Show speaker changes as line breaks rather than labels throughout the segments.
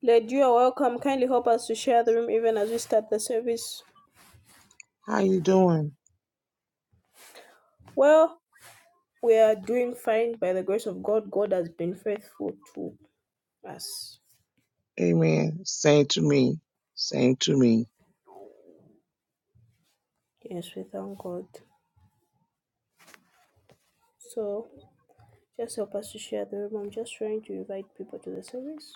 Led, you are welcome. Kindly help us to share the room even as we start the service.
How you doing?
Well, we are doing fine by the grace of God. God has been faithful to us.
Amen. Same to me. Same to me.
Yes, we thank God. So just help us to share the room. I'm just trying to invite people to the service.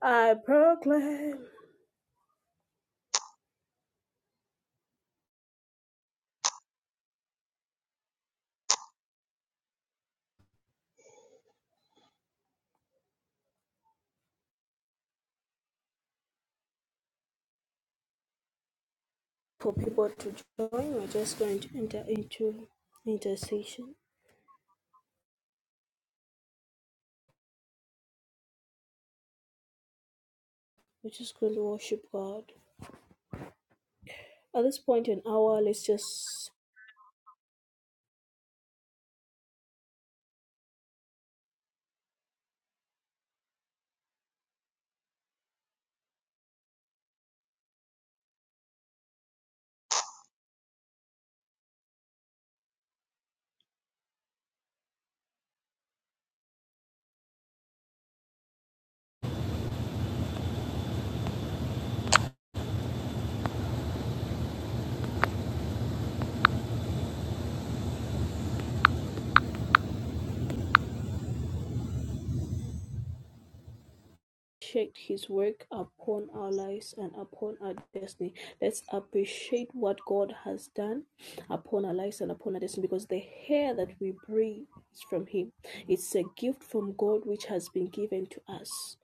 I proclaim for people to join. We're just going to enter into intercession. We're just going to worship God. At this point in our. let's just Checked his work upon our lives and upon our destiny. Let's appreciate what God has done upon our lives and upon our destiny because the air that we breathe is from Him. It's a gift from God which has been given to us.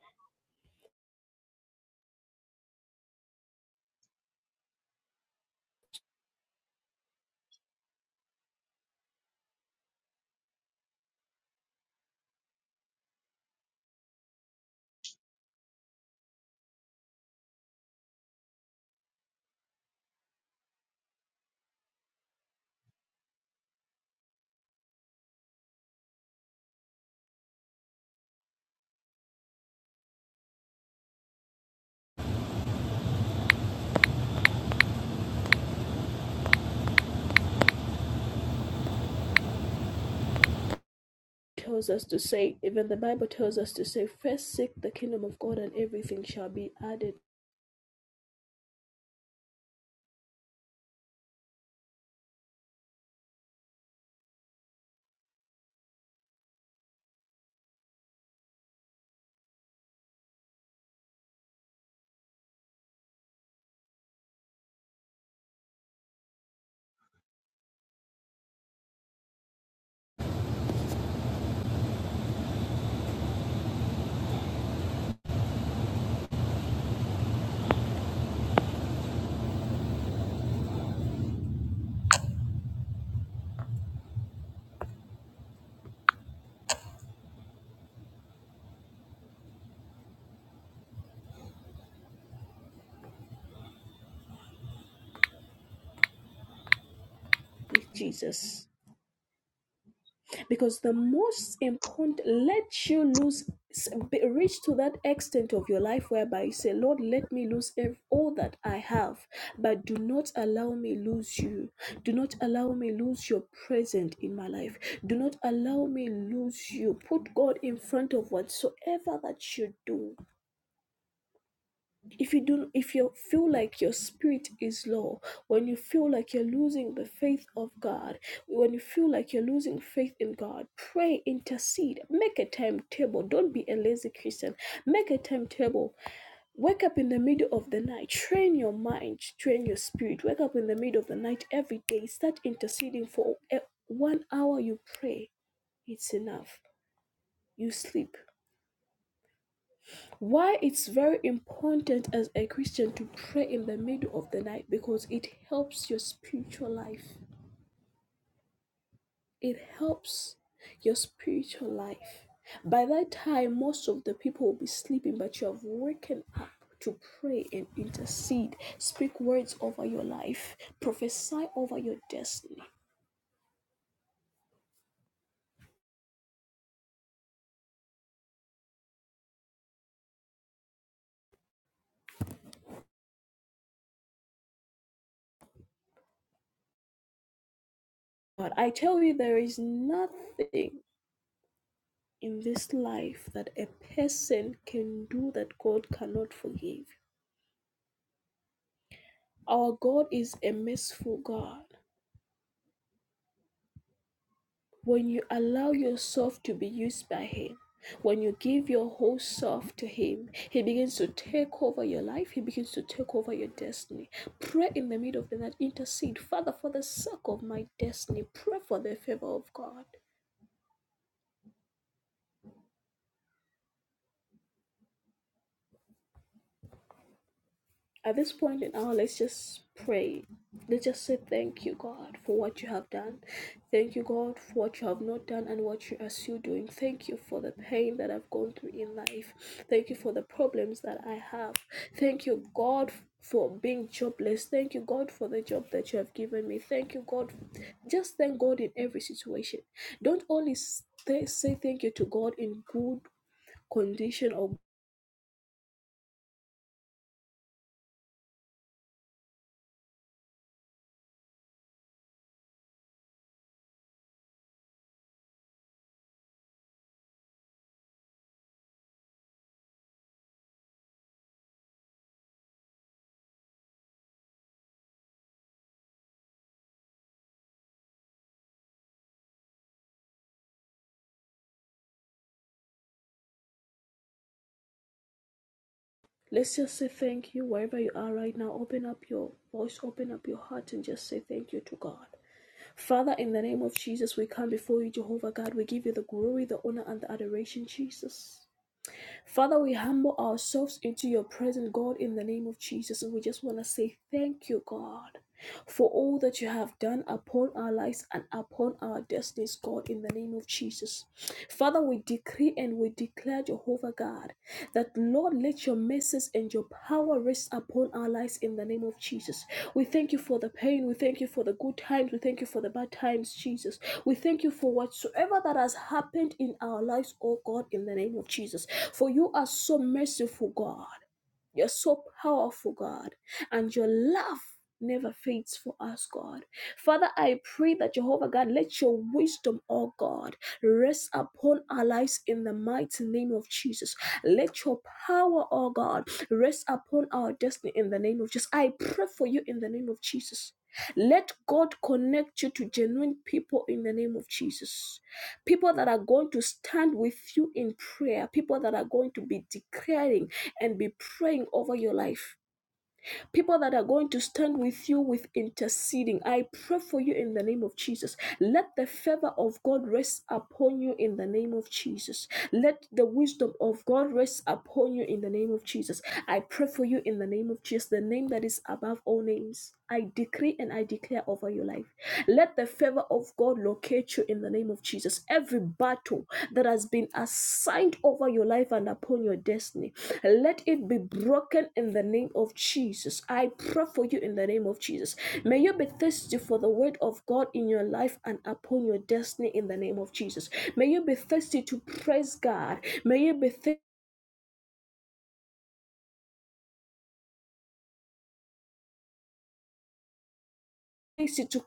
It Tells us to say, even the Bible tells us to say, first seek the kingdom of God and everything shall be added with Jesus. because the most important let you lose be- reach to that extent of your life whereby you say lord let me lose ev- all that i have but do not allow me lose you do not allow me lose your presence in my life do not allow me lose you put god in front of whatsoever that you do if you do if you feel like your spirit is low when you feel like you're losing the faith of god when you feel like you're losing faith in god pray intercede make a timetable don't be a lazy christian make a timetable wake up in the middle of the night train your mind train your spirit wake up in the middle of the night every day start interceding for a- one hour you pray it's enough you sleep why it's very important as a Christian to pray in the middle of the night because it helps your spiritual life. It helps your spiritual life. By that time, most of the people will be sleeping, but you have woken up to pray and intercede, speak words over your life, prophesy over your destiny. But I tell you, there is nothing in this life that a person can do that God cannot forgive. Our God is a merciful God. When you allow yourself to be used by Him, when you give your whole self to Him, He begins to take over your life. He begins to take over your destiny. Pray in the middle of the night, intercede. Father, for the sake of my destiny, pray for the favor of God. At this point in our, let's just pray. Let's just say thank you, God, for what you have done. Thank you, God, for what you have not done and what you are still doing. Thank you for the pain that I've gone through in life. Thank you for the problems that I have. Thank you, God, for being jobless. Thank you, God, for the job that you have given me. Thank you, God. Just thank God in every situation. Don't only stay, say thank you to God in good condition or Let's just say thank you wherever you are right now. Open up your voice, open up your heart, and just say thank you to God. Father, in the name of Jesus, we come before you, Jehovah God. We give you the glory, the honor, and the adoration, Jesus. Father, we humble ourselves into your presence, God, in the name of Jesus. And we just want to say thank you, God, for all that you have done upon our lives and upon our destinies, God, in the name of Jesus. Father, we decree and we declare, Jehovah God, that Lord, let your mercies and your power rest upon our lives in the name of Jesus. We thank you for the pain. We thank you for the good times. We thank you for the bad times, Jesus. We thank you for whatsoever that has happened in our lives, oh God, in the name of Jesus. For you are so merciful, God. You're so powerful, God, and your love never fades for us, God. Father, I pray that Jehovah God, let your wisdom, oh God, rest upon our lives in the mighty name of Jesus. Let your power, oh God, rest upon our destiny in the name of Jesus. I pray for you in the name of Jesus. Let God connect you to genuine people in the name of Jesus. People that are going to stand with you in prayer, people that are going to be declaring and be praying over your life. People that are going to stand with you with interceding, I pray for you in the name of Jesus. Let the favor of God rest upon you in the name of Jesus. Let the wisdom of God rest upon you in the name of Jesus. I pray for you in the name of Jesus, the name that is above all names. I decree and I declare over your life. Let the favor of God locate you in the name of Jesus. Every battle that has been assigned over your life and upon your destiny, let it be broken in the name of Jesus. I pray for you in the name of Jesus. May you be thirsty for the word of God in your life and upon your destiny in the name of Jesus. May you be thirsty to praise God. May you be thirsty to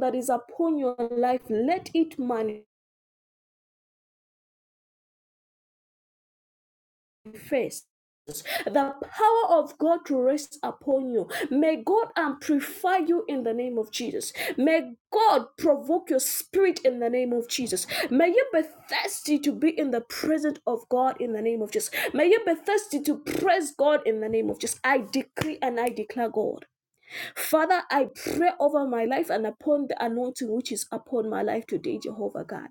that is upon your life. Let it manifest. Ghost, the power of God to rest upon you. May God amplify you in the name of Jesus. May God provoke your spirit in the name of Jesus. May you be thirsty to be in the presence of God in the name of Jesus. May you be thirsty to praise God in the name of Jesus. I decree and I declare God. Father, I pray over my life and upon the anointing which is upon my life today, Jehovah God.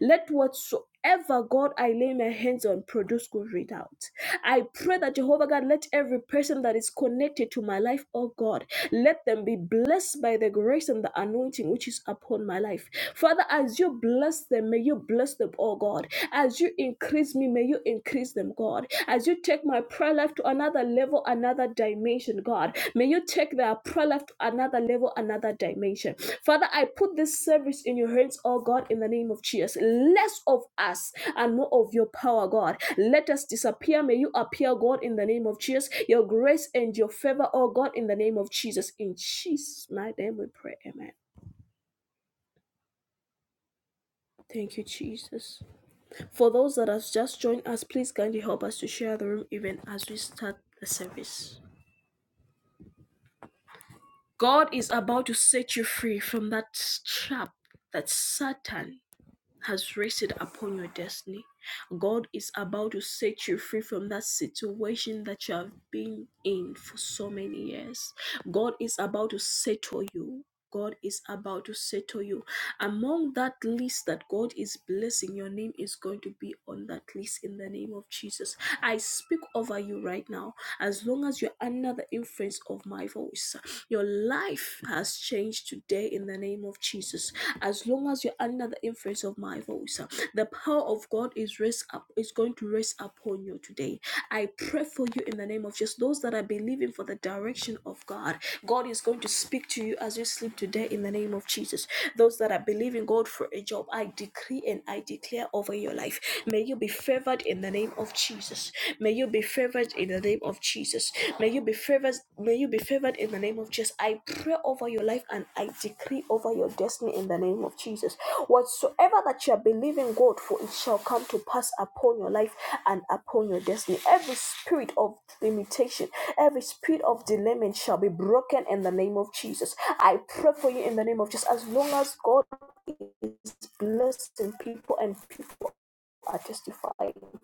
Let whatsoever God, I lay my hands on produce good result. I pray that Jehovah God, let every person that is connected to my life, oh God, let them be blessed by the grace and the anointing which is upon my life. Father, as you bless them, may you bless them, oh God. As you increase me, may you increase them, God. As you take my prayer life to another level, another dimension, God. May you take their prayer life to another level, another dimension. Father, I put this service in your hands, oh God, in the name of Jesus. Less of us and more of your power, God. Let us disappear. May you appear, God, in the name of Jesus. Your grace and your favor, oh God, in the name of Jesus. In Jesus' mighty name we pray. Amen. Thank you, Jesus. For those that have just joined us, please kindly help us to share the room even as we start the service. God is about to set you free from that trap that Satan has rested upon your destiny. God is about to set you free from that situation that you have been in for so many years. God is about to settle you. God is about to settle you. Among that list that God is blessing, your name is going to be on that list in the name of Jesus. I speak over you right now. As long as you're under the influence of my voice, your life has changed today in the name of Jesus. As long as you're under the influence of my voice, the power of God is rest up is going to rest upon you today. I pray for you in the name of Jesus. Those that are believing for the direction of God, God is going to speak to you as you sleep today in the name of Jesus. Those that are that believe God for a job, I decree and I declare over your life. May you be favored in the name of Jesus. May you be favored in the name of Jesus. May you be favored. May you be favored in the name of Jesus. I pray over your life and I decree over your destiny in the name of Jesus. Whatsoever that you are believing God for, it shall come to pass upon your life and upon your destiny. Every spirit of limitation, every spirit of delayment shall be broken in the name of Jesus. I pray for you in the name of Jesus. As long as God is blessing people and people are testifying.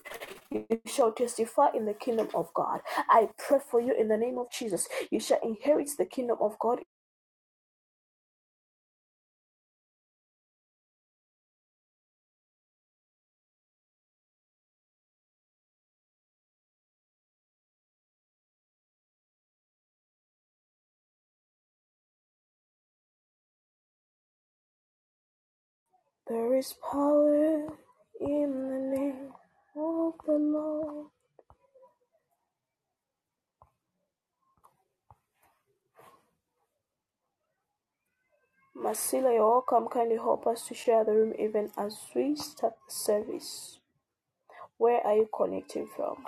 You shall testify in the kingdom of God. I pray for you in the name of Jesus. You shall inherit the kingdom of God. There is power in the name of the Lord. Masila, you're welcome. Kindly help us to share the room even as we start the service. Where are you connecting from?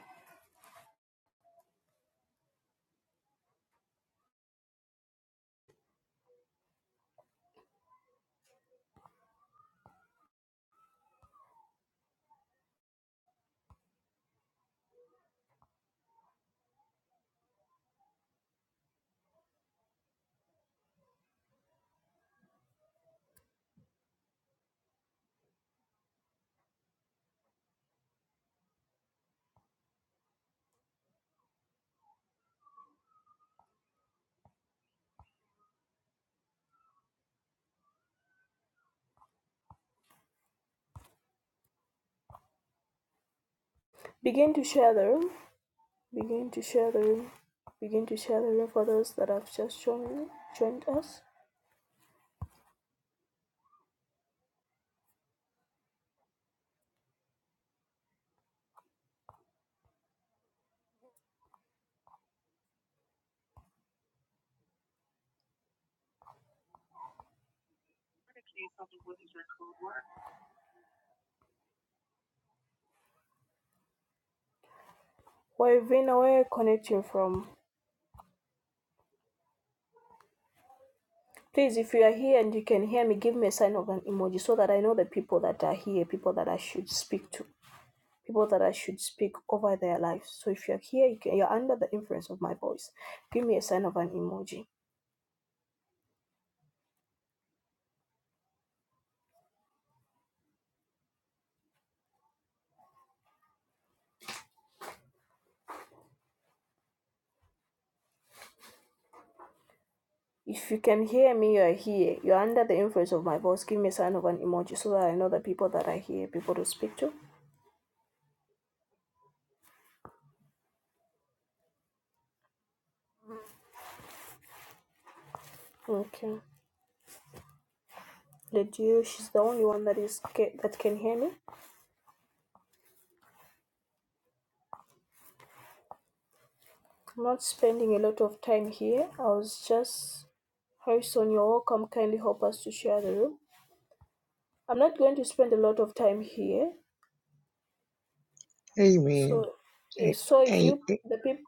Begin to share the room. Begin to share the room. Begin to share the room for those that have just joined, joined us. Where where are you connecting from? Please, if you are here and you can hear me, give me a sign of an emoji so that I know the people that are here, people that I should speak to, people that I should speak over their lives. So if you're here, you can, you're under the influence of my voice. Give me a sign of an emoji. If you can hear me, you're here. You're under the influence of my voice. Give me a sign of an emoji so that I know the people that are here, people to speak to. Okay. The you? She's the only one that is okay that can hear me. I'm not spending a lot of time here. I was just, Harrison, you're welcome. Kindly help us to share the room. I'm not going to spend a lot of time here.
Amen.
So, eh,
A-
so if
a-
you
a-
the peop,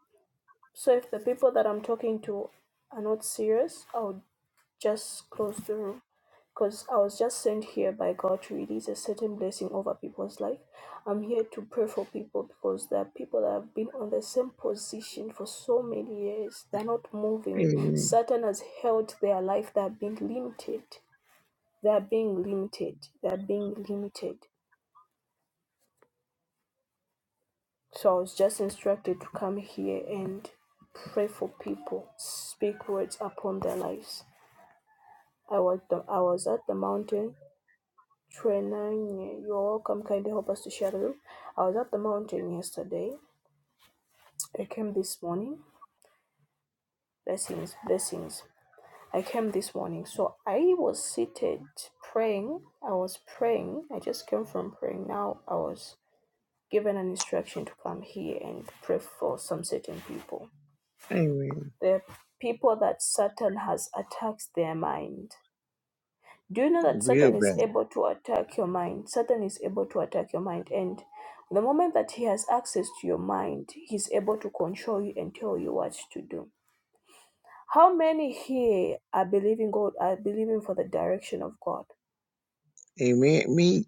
so if the people that I'm talking to are not serious, I'll Just close the room. Because I was just sent here by God to release a certain blessing over people's life. I'm here to pray for people because there are people that have been on the same position for so many years. They're not moving.
Amen.
Satan has held their life. They're being limited. They're being limited. They're being limited. So I was just instructed to come here and pray for people, speak words upon their lives. I was, I was at the mountain Trenang, you're welcome. Kindly help us to share the room. I was at the mountain yesterday. I came this morning. Blessings, blessings. I came this morning. So I was seated praying. I was praying. I just came from praying. Now I was given an instruction to come here and pray for some certain people.
Amen.
There are people that Satan has attacked their mind. Do you know that
Real
Satan is
bad.
able to attack your mind? Satan is able to attack your mind. And the moment that he has access to your mind, he's able to control you and tell you what to do. How many here are believing God, are believing for the direction of God?
Amen. Me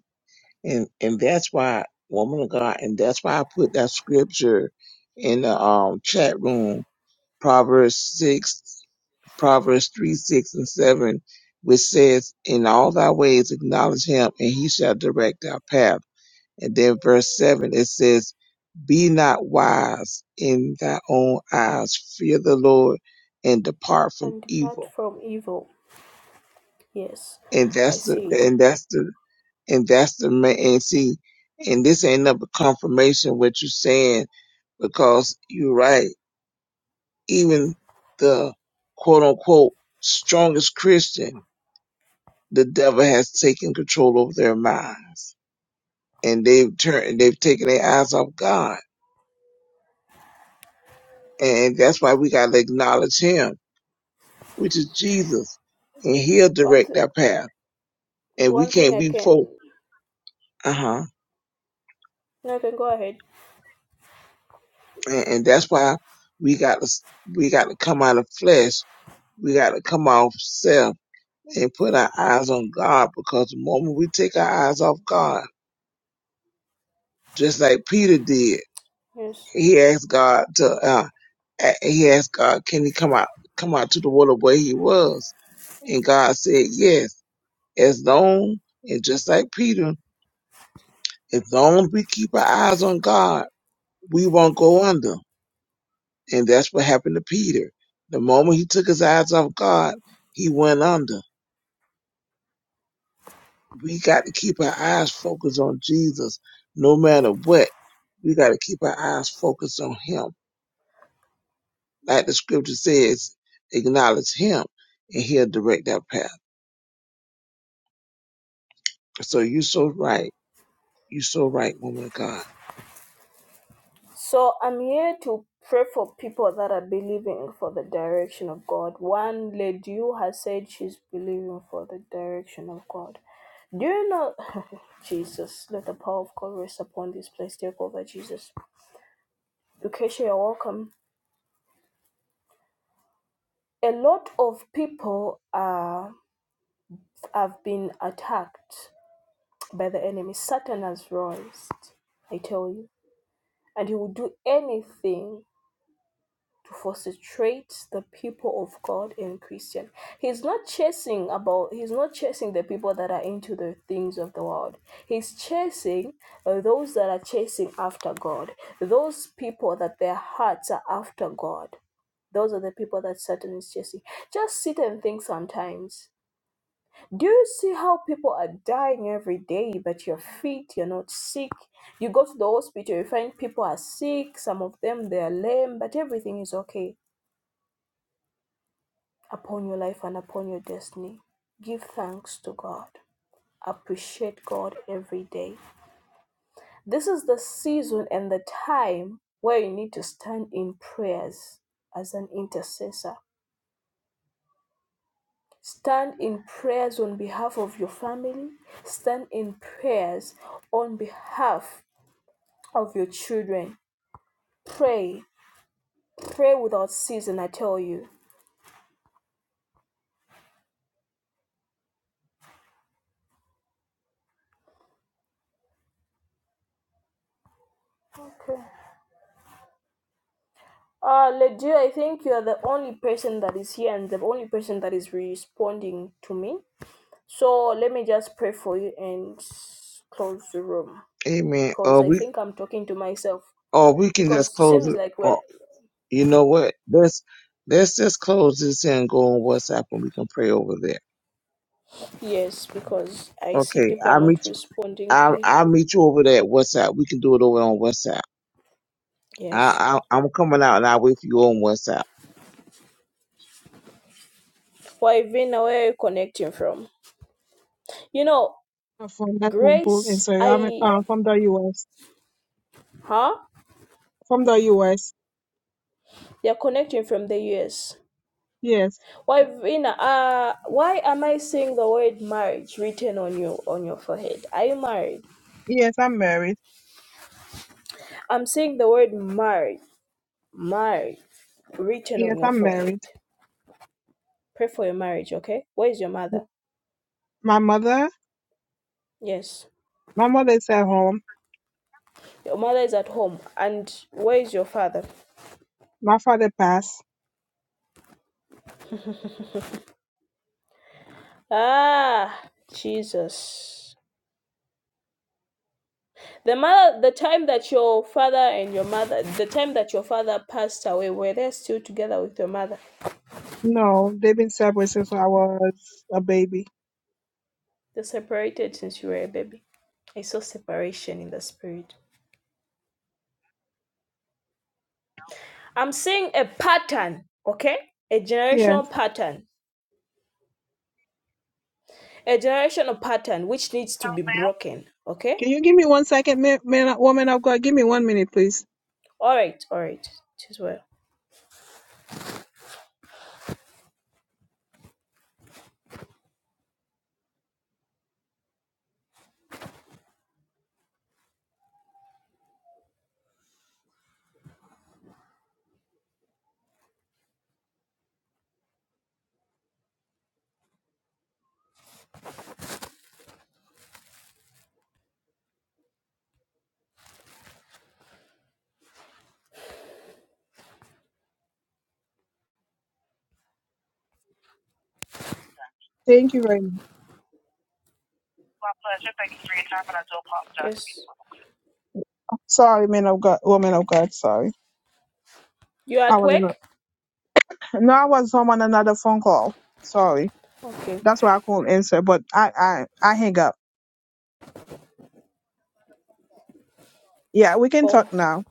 and and that's why woman of God and that's why I put that scripture in the um chat room. Proverbs six, Proverbs three, six and seven, which says, "In all thy ways acknowledge him, and he shall direct our path." And then verse seven it says. Be not wise in thy own eyes. Fear the Lord and depart from
And depart
evil.
from evil. Yes,
And
I
that's the
see.
and that's the and that's the ma and see, and this ain't up a confirmation what you're saying because you're right. Even the quote unquote strongest Christian, the devil has taken control over their minds, and they've turned they've taken their eyes off God, and that's why we gotta acknowledge Him which is Jesus, and He'll
One,
direct
th-
our path. And we
one thing
can't
I
be
can.
folk. Uh huh.
No, I can go ahead.
And, and that's why we got to we got to come out of flesh. We got to come off self and put our eyes on God. Because the moment we take our eyes off God, just like Peter did,
Yes.
he asked God to uh, a- he asked God, can he come out come out to the water where he was? And God said yes. As long and just like Peter, as long as we keep our eyes on God we won't go under. And that's what happened to Peter. The moment he took his eyes off God, he went under. We got to keep our eyes focused on Jesus no matter what. We got to keep our eyes focused on him. Like the scripture says, acknowledge him and he'll direct our path. So you're so right. You're so right, woman of God.
So I'm here to pray for people that are believing for the direction of God. One lady who has said she's believing for the direction of God. Do you know, Jesus, let the power of God rest upon this place. Take over, Jesus. Lucretia, you're welcome. A lot of people uh, have been attacked by the enemy. Satan has rised, I tell you. And he will do anything to frustrate the people of God and Christian. He's not chasing about he's not chasing the people that are into the things of the world. He's chasing uh, those that are chasing after God. Those people that their hearts are after God. Those are the people that Satan is chasing. Just sit and think sometimes. Do you see how people are dying every day, but you're fit, you're not sick? You go to the hospital, you find people are sick, some of them they are lame, but everything is okay upon your life and upon your destiny. Give thanks to God. Appreciate God every day. This is the season and the time where you need to stand in prayers as an intercessor. Stand in prayers on behalf of your family. Stand in prayers on behalf of your children. Pray. Pray without season, I tell you. Okay. Uh, Ledia, I think you're the only person that is here and the only person that is responding to me. So let me just pray for you and s- close the room
Amen.
because
Or
I
we,
think I'm talking to myself
or we can just
because it
close it.
seems like
Or
we're
you know what? Let's, let's just close this and go on WhatsApp and we can pray over there.
yes because I see
Okay,
people are
I'll
not
meet you.
responding
I'll,
here.
I'll meet you over there at WhatsApp. We can do it over on WhatsApp.
Yes,
I, I, I'm coming out and I'll wait for you on WhatsApp.
Fivina, where are you connecting from? You know,
i from that temple in
Grace,
sorry, I'm
I
uh, from the US.
huh?
From the US.
They're connecting from the US.
Yes.
Why Vina? uh, why am I seeing the word marriage written on you on your forehead? Are you married?
Yes, I'm married.
I'm seeing the word marriage, marriage written
Yes,
on your
I'm
forehead.
married.
Pray for your marriage, okay? Where is your mother?
My mother,
Yes,
my mother is at home.
your mother is at home, and where is your father?
My father passed.
Ah, Jesus. The mother, the time that your father and your mother, the time that your father passed away, were they still together with your mother?
No, they've been separate since I was a baby.
They're separated since you were a baby. I saw separation in the spirit. I'm seeing a pattern, okay? A
Yes.
generational pattern. A generational pattern which needs to be broken, okay?
Can you give me one second, man, man woman of God? Give me one minute, please.
All right, all right. It is well.
Thank you very much.
Yes.
Sorry, man of God, woman of God. Sorry.
You are
I
at
was on
work?
a- no, I was home on another phone call. Sorry.
Okay.
That's why I couldn't answer, but I, I, I hang up. Yeah, we can talk
Oh,
now.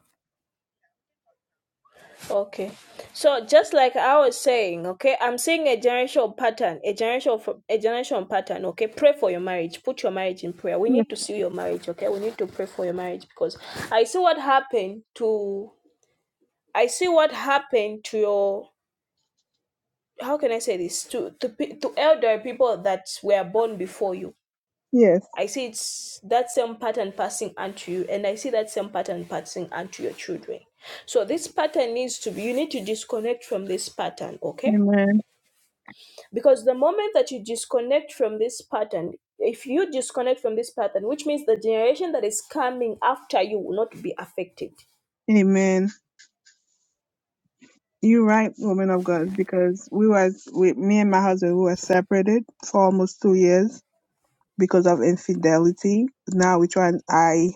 Okay. So just like I was saying, okay, I'm seeing a generational pattern, a generational a generational pattern, okay? Pray for your marriage. Put your marriage in prayer. We need to see your marriage, okay? We need to pray for your marriage because I see what happened to I see what happened to your how can I say this to to, pe- to elder people that were born before you
Yes.
I see it's that same pattern passing onto you, and I see that same pattern passing onto your children. So this pattern needs to be you need to disconnect from this pattern, okay?
Amen.
Because the moment that you disconnect from this pattern, if you disconnect from this pattern, which means the generation that is coming after you will not be affected.
Amen. You're right, woman of God, because we was we, me and my husband we were separated for almost two years because of infidelity. Now we try. I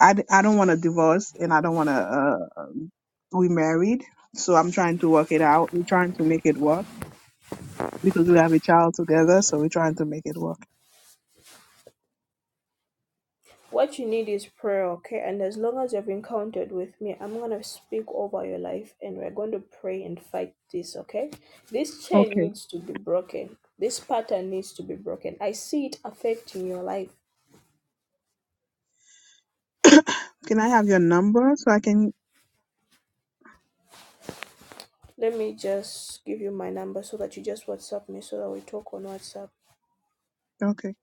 I I don't want a divorce, and I don't want to. Uh, um, we married, so I'm trying to work it out. We're trying to make it work because we have a child together, so we're trying to make it work.
What you need is prayer, okay? And as long as you've encountered with me, I'm gonna speak over your life and we're going to pray and fight this, okay? This chain
Okay.
needs to be broken. This pattern needs to be broken. I see it affecting your life.
can I have your number so I can?
Let me just give you my number so that you just WhatsApp me so that we talk on WhatsApp.
Okay.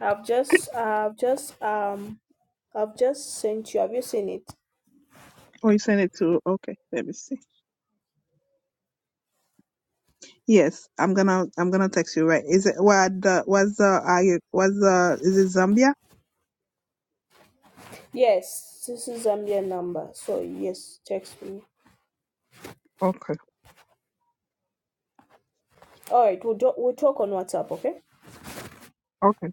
I've just I've just um I've just sent you. Have you seen it?
Oh, you send it to. Okay. Let me see. Yes, I'm gonna I'm gonna text you right. Is it what the what's the are you what's the is it Zambia?
Yes, this is Zambia number. So yes, text me.
Okay.
All right, we'll do- we'll talk on WhatsApp, okay?
Okay.